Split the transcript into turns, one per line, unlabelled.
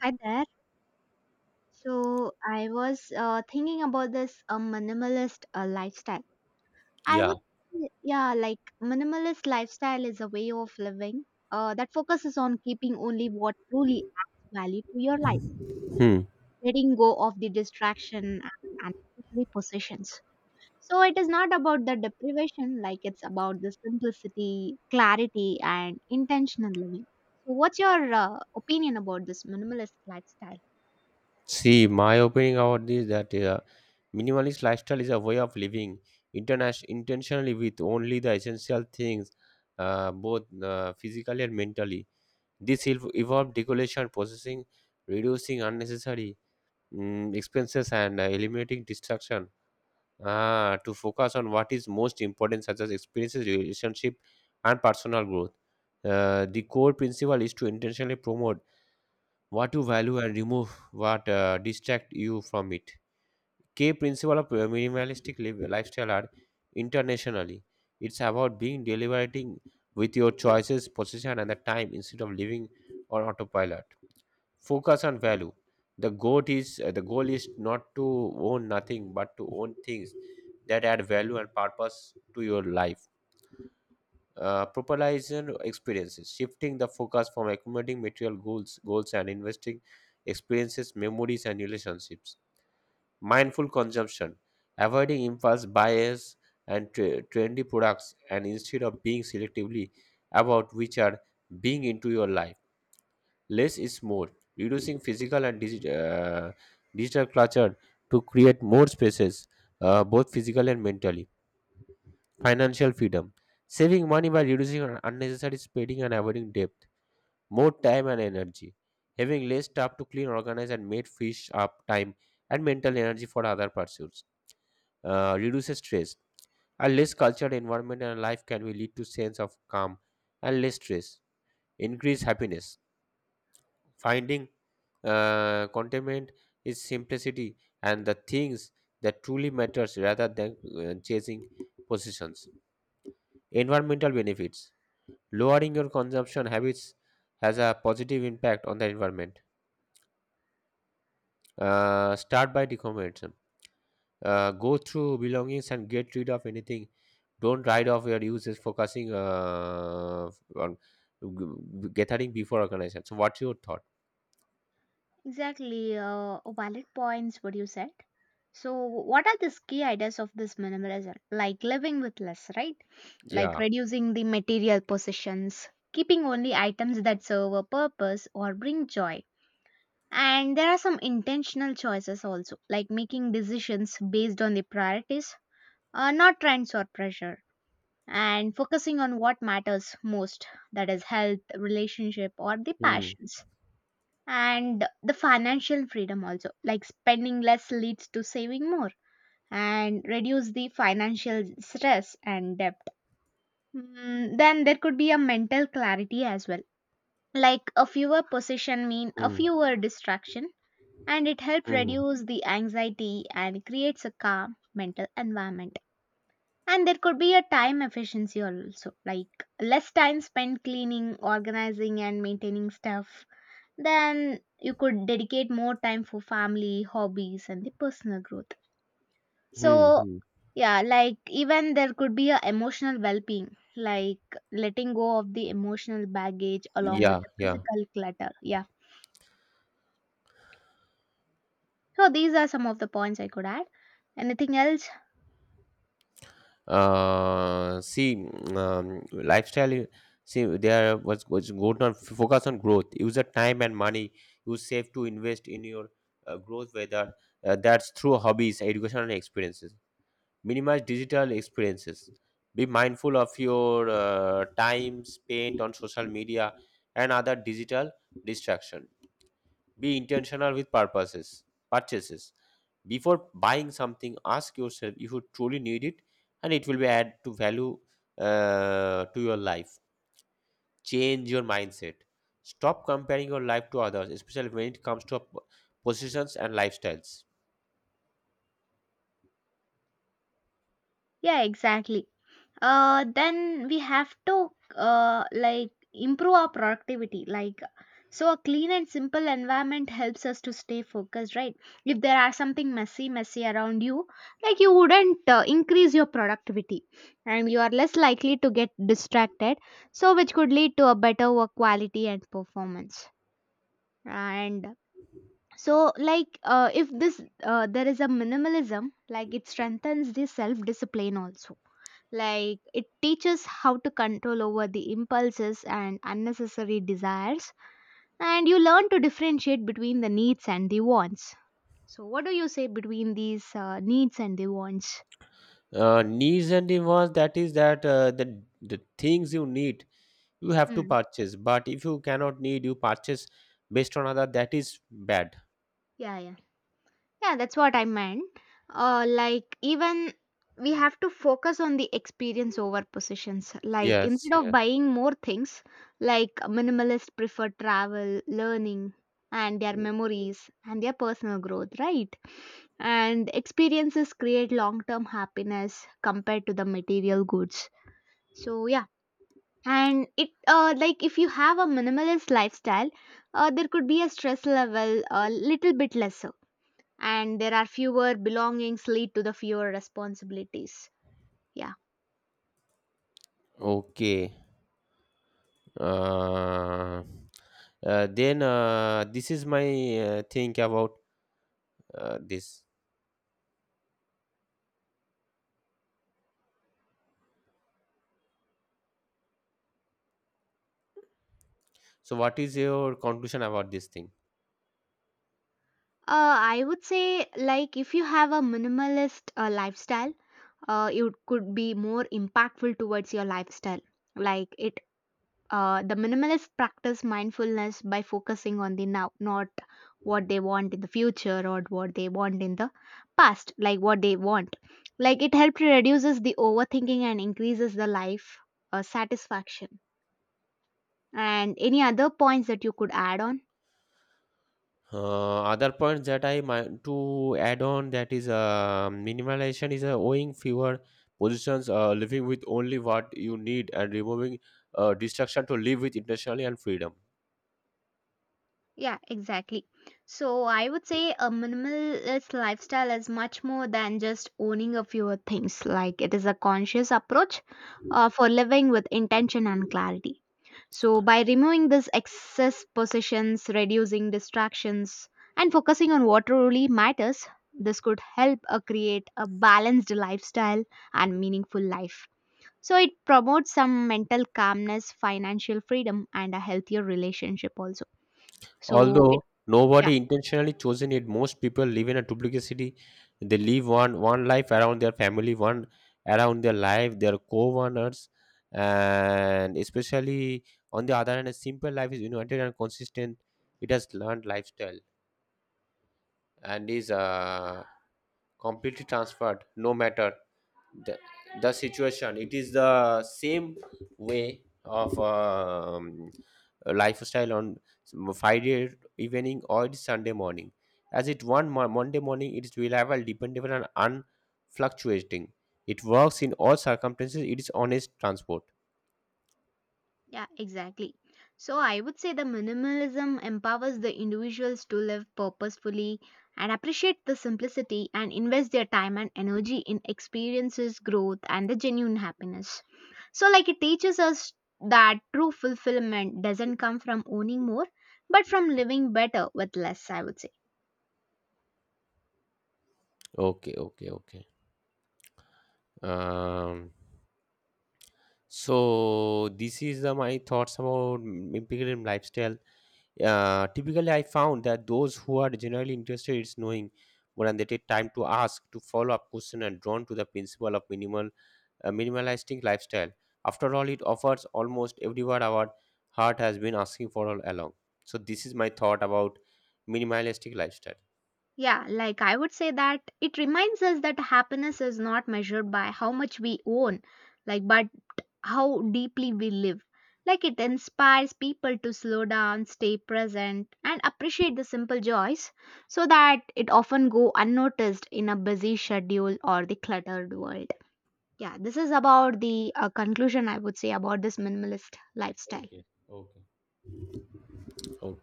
Hi there. So I was thinking about this minimalist lifestyle. I
Yeah.
would, say, yeah, like minimalist lifestyle is a way of living that focuses on keeping only what truly adds value to your life,
Hmm.
letting go of the distraction and unnecessary possessions. So it is not about the deprivation, like it's about the simplicity, clarity, and intentional living. So what's your opinion about this minimalist lifestyle?
See, my opinion about this that minimalist lifestyle is a way of living international intentionally with only the essential things, both physically and mentally. This will involve decoration, processing, reducing unnecessary expenses, and eliminating distraction. To focus on what is most important, such as experiences, relationship, and personal growth. The core principle is to intentionally promote what you value and remove what distract you from it. Key principle of minimalistic lifestyle are internationally. It's about being deliberating with your choices position and the time instead of living on autopilot. Focus on value. The goal is not to own nothing but to own things that add value and purpose to your life. Personalization experiences, shifting the focus from accumulating material goals and investing experiences, memories, and relationships. Mindful consumption, avoiding impulse bias and trendy products, and instead of being selectively about which are being into your life. Less is more, reducing physical and digital clutter to create more spaces, both physical and mentally. Financial freedom, saving money by reducing unnecessary spending and avoiding debt, more time and energy, having less staff to clean, organize, and made fish up time and mental energy for other pursuits, reduces stress. A less cultured environment and life can be lead to sense of calm and less stress, increase happiness, finding contentment is simplicity and the things that truly matters rather than chasing positions. Environmental benefits. Lowering your consumption habits has a positive impact on the environment. Start by decomposition. Go through belongings and get rid of anything. Don't write off your uses focusing on gathering before organization. So, what's your thought?
Exactly, valid points, what you said. So, what are the key ideas of this minimalism? Like living with less, right? Like
Yeah.
reducing the material possessions, keeping only items that serve a purpose or bring joy. And there are some intentional choices also, like making decisions based on the priorities, not trends or pressure, and focusing on what matters most, that is, health, relationship, or the
Hmm.
passions and the financial freedom also, like spending less leads to saving more and reduce the financial stress and debt. Then there could be a mental clarity as well, like a fewer possession mean a
Hmm.
fewer distraction, and it helps
Hmm.
reduce the anxiety and creates a calm mental environment. And there could be a time efficiency also, like less time spent cleaning, organizing, and maintaining stuff. Then you could dedicate more time for family, hobbies, and the personal growth.
Hmm.
So,
Hmm.
yeah, like even there could be a emotional well-being, like letting go of the emotional baggage along with
Yeah.
the
Yeah.
physical clutter. Yeah. So these are some of the points I could add. Anything else?
See, lifestyle see there was good on focus on growth. Use the time and money you save to invest in your growth, whether that's through hobbies, education, and experiences. Minimize digital experiences. Be mindful of your time spent on social media and other digital distraction. Be intentional with purposes purchases. Before buying something, ask yourself if you truly need it and it will be add to value to your life. Change your mindset. Stop comparing your life to others, especially when it comes to positions and lifestyles.
Yeah, exactly. Then we have to like improve our productivity. Like, so a clean and simple environment helps us to stay focused, right? If there are something messy around you, like you wouldn't increase your productivity, and you are less likely to get distracted. So, which could lead to a better work quality and performance. And so, like, if this there is a minimalism, like it strengthens the self discipline also, like, it teaches how to control over the impulses and unnecessary desires, and you learn to differentiate between the needs and the wants. So, what do you say between these needs and the wants?
Needs and demands, that is that the things you need you have to
Hmm.
purchase, but if you cannot need you purchase based on other, that is bad.
Yeah, yeah. Yeah, that's what I meant. Like, even we have to focus on the experience over positions. Like,
Yes,
instead of
yes.
buying more things, like minimalists prefer travel, learning, and their memories and their personal growth, right? And experiences create long term happiness compared to the material goods. So, yeah. And it, like, if you have a minimalist lifestyle, there could be a stress level a little bit lesser, and there are fewer belongings lead to the fewer responsibilities, yeah.
Okay. uh, then This is my think about this. So what is your conclusion about this thing?
I would say, like if you have a minimalist lifestyle, it could be more impactful towards your lifestyle, like it. The minimalist practice mindfulness by focusing on the now, not what they want in the future or what they want in the past, like what they want. Like it helps reduces the overthinking and increases the life satisfaction. And any other points that you could add on?
Other points that I might to add on, that is, minimalization is owning fewer positions, living with only what you need and removing distraction to live with intentionally and freedom.
Yeah, exactly. So I would say a minimalist lifestyle is much more than just owning a few things. Like it is a conscious approach for living with intention and clarity. So by removing these excess possessions, reducing distractions, and focusing on what truly matters, this could help create a balanced lifestyle and meaningful life. So it promotes some mental calmness, financial freedom, and a healthier relationship also. So it,
Although
yeah.
nobody intentionally chosen it, most people live in a duplicity. They live one life around their family, one around their life, their co-owners, and especially on the other hand, a simple life is united and consistent. It has learned lifestyle and is completely transferred, no matter the, the situation. It is the same way of lifestyle on Friday evening or it's Sunday morning as it one Monday morning. It is reliable, dependable, and unfluctuating. It works in all circumstances. It is honest transport.
Yeah, exactly. So I would say the minimalism empowers the individuals to live purposefully and appreciate the simplicity and invest their time and energy in experiences, growth, and the genuine happiness. So, like, it teaches us that true fulfillment doesn't come from owning more, but from living better with less, I would say.
Okay, okay, okay. um So this is my thoughts about lifestyle. Typically, I found that those who are generally interested in knowing more and they take time to ask to follow up question and drawn to the principle of minimalistic lifestyle. After all, it offers almost everywhere our heart has been asking for all along. So this is my thought about minimalistic lifestyle.
Yeah, like I would say that it reminds us that happiness is not measured by how much we own, like, but how deeply we live. Like, it inspires people to slow down, stay present, and appreciate the simple joys so that it often go unnoticed in a busy schedule or the cluttered world. Yeah, this is about the conclusion I would say about this minimalist lifestyle.
So,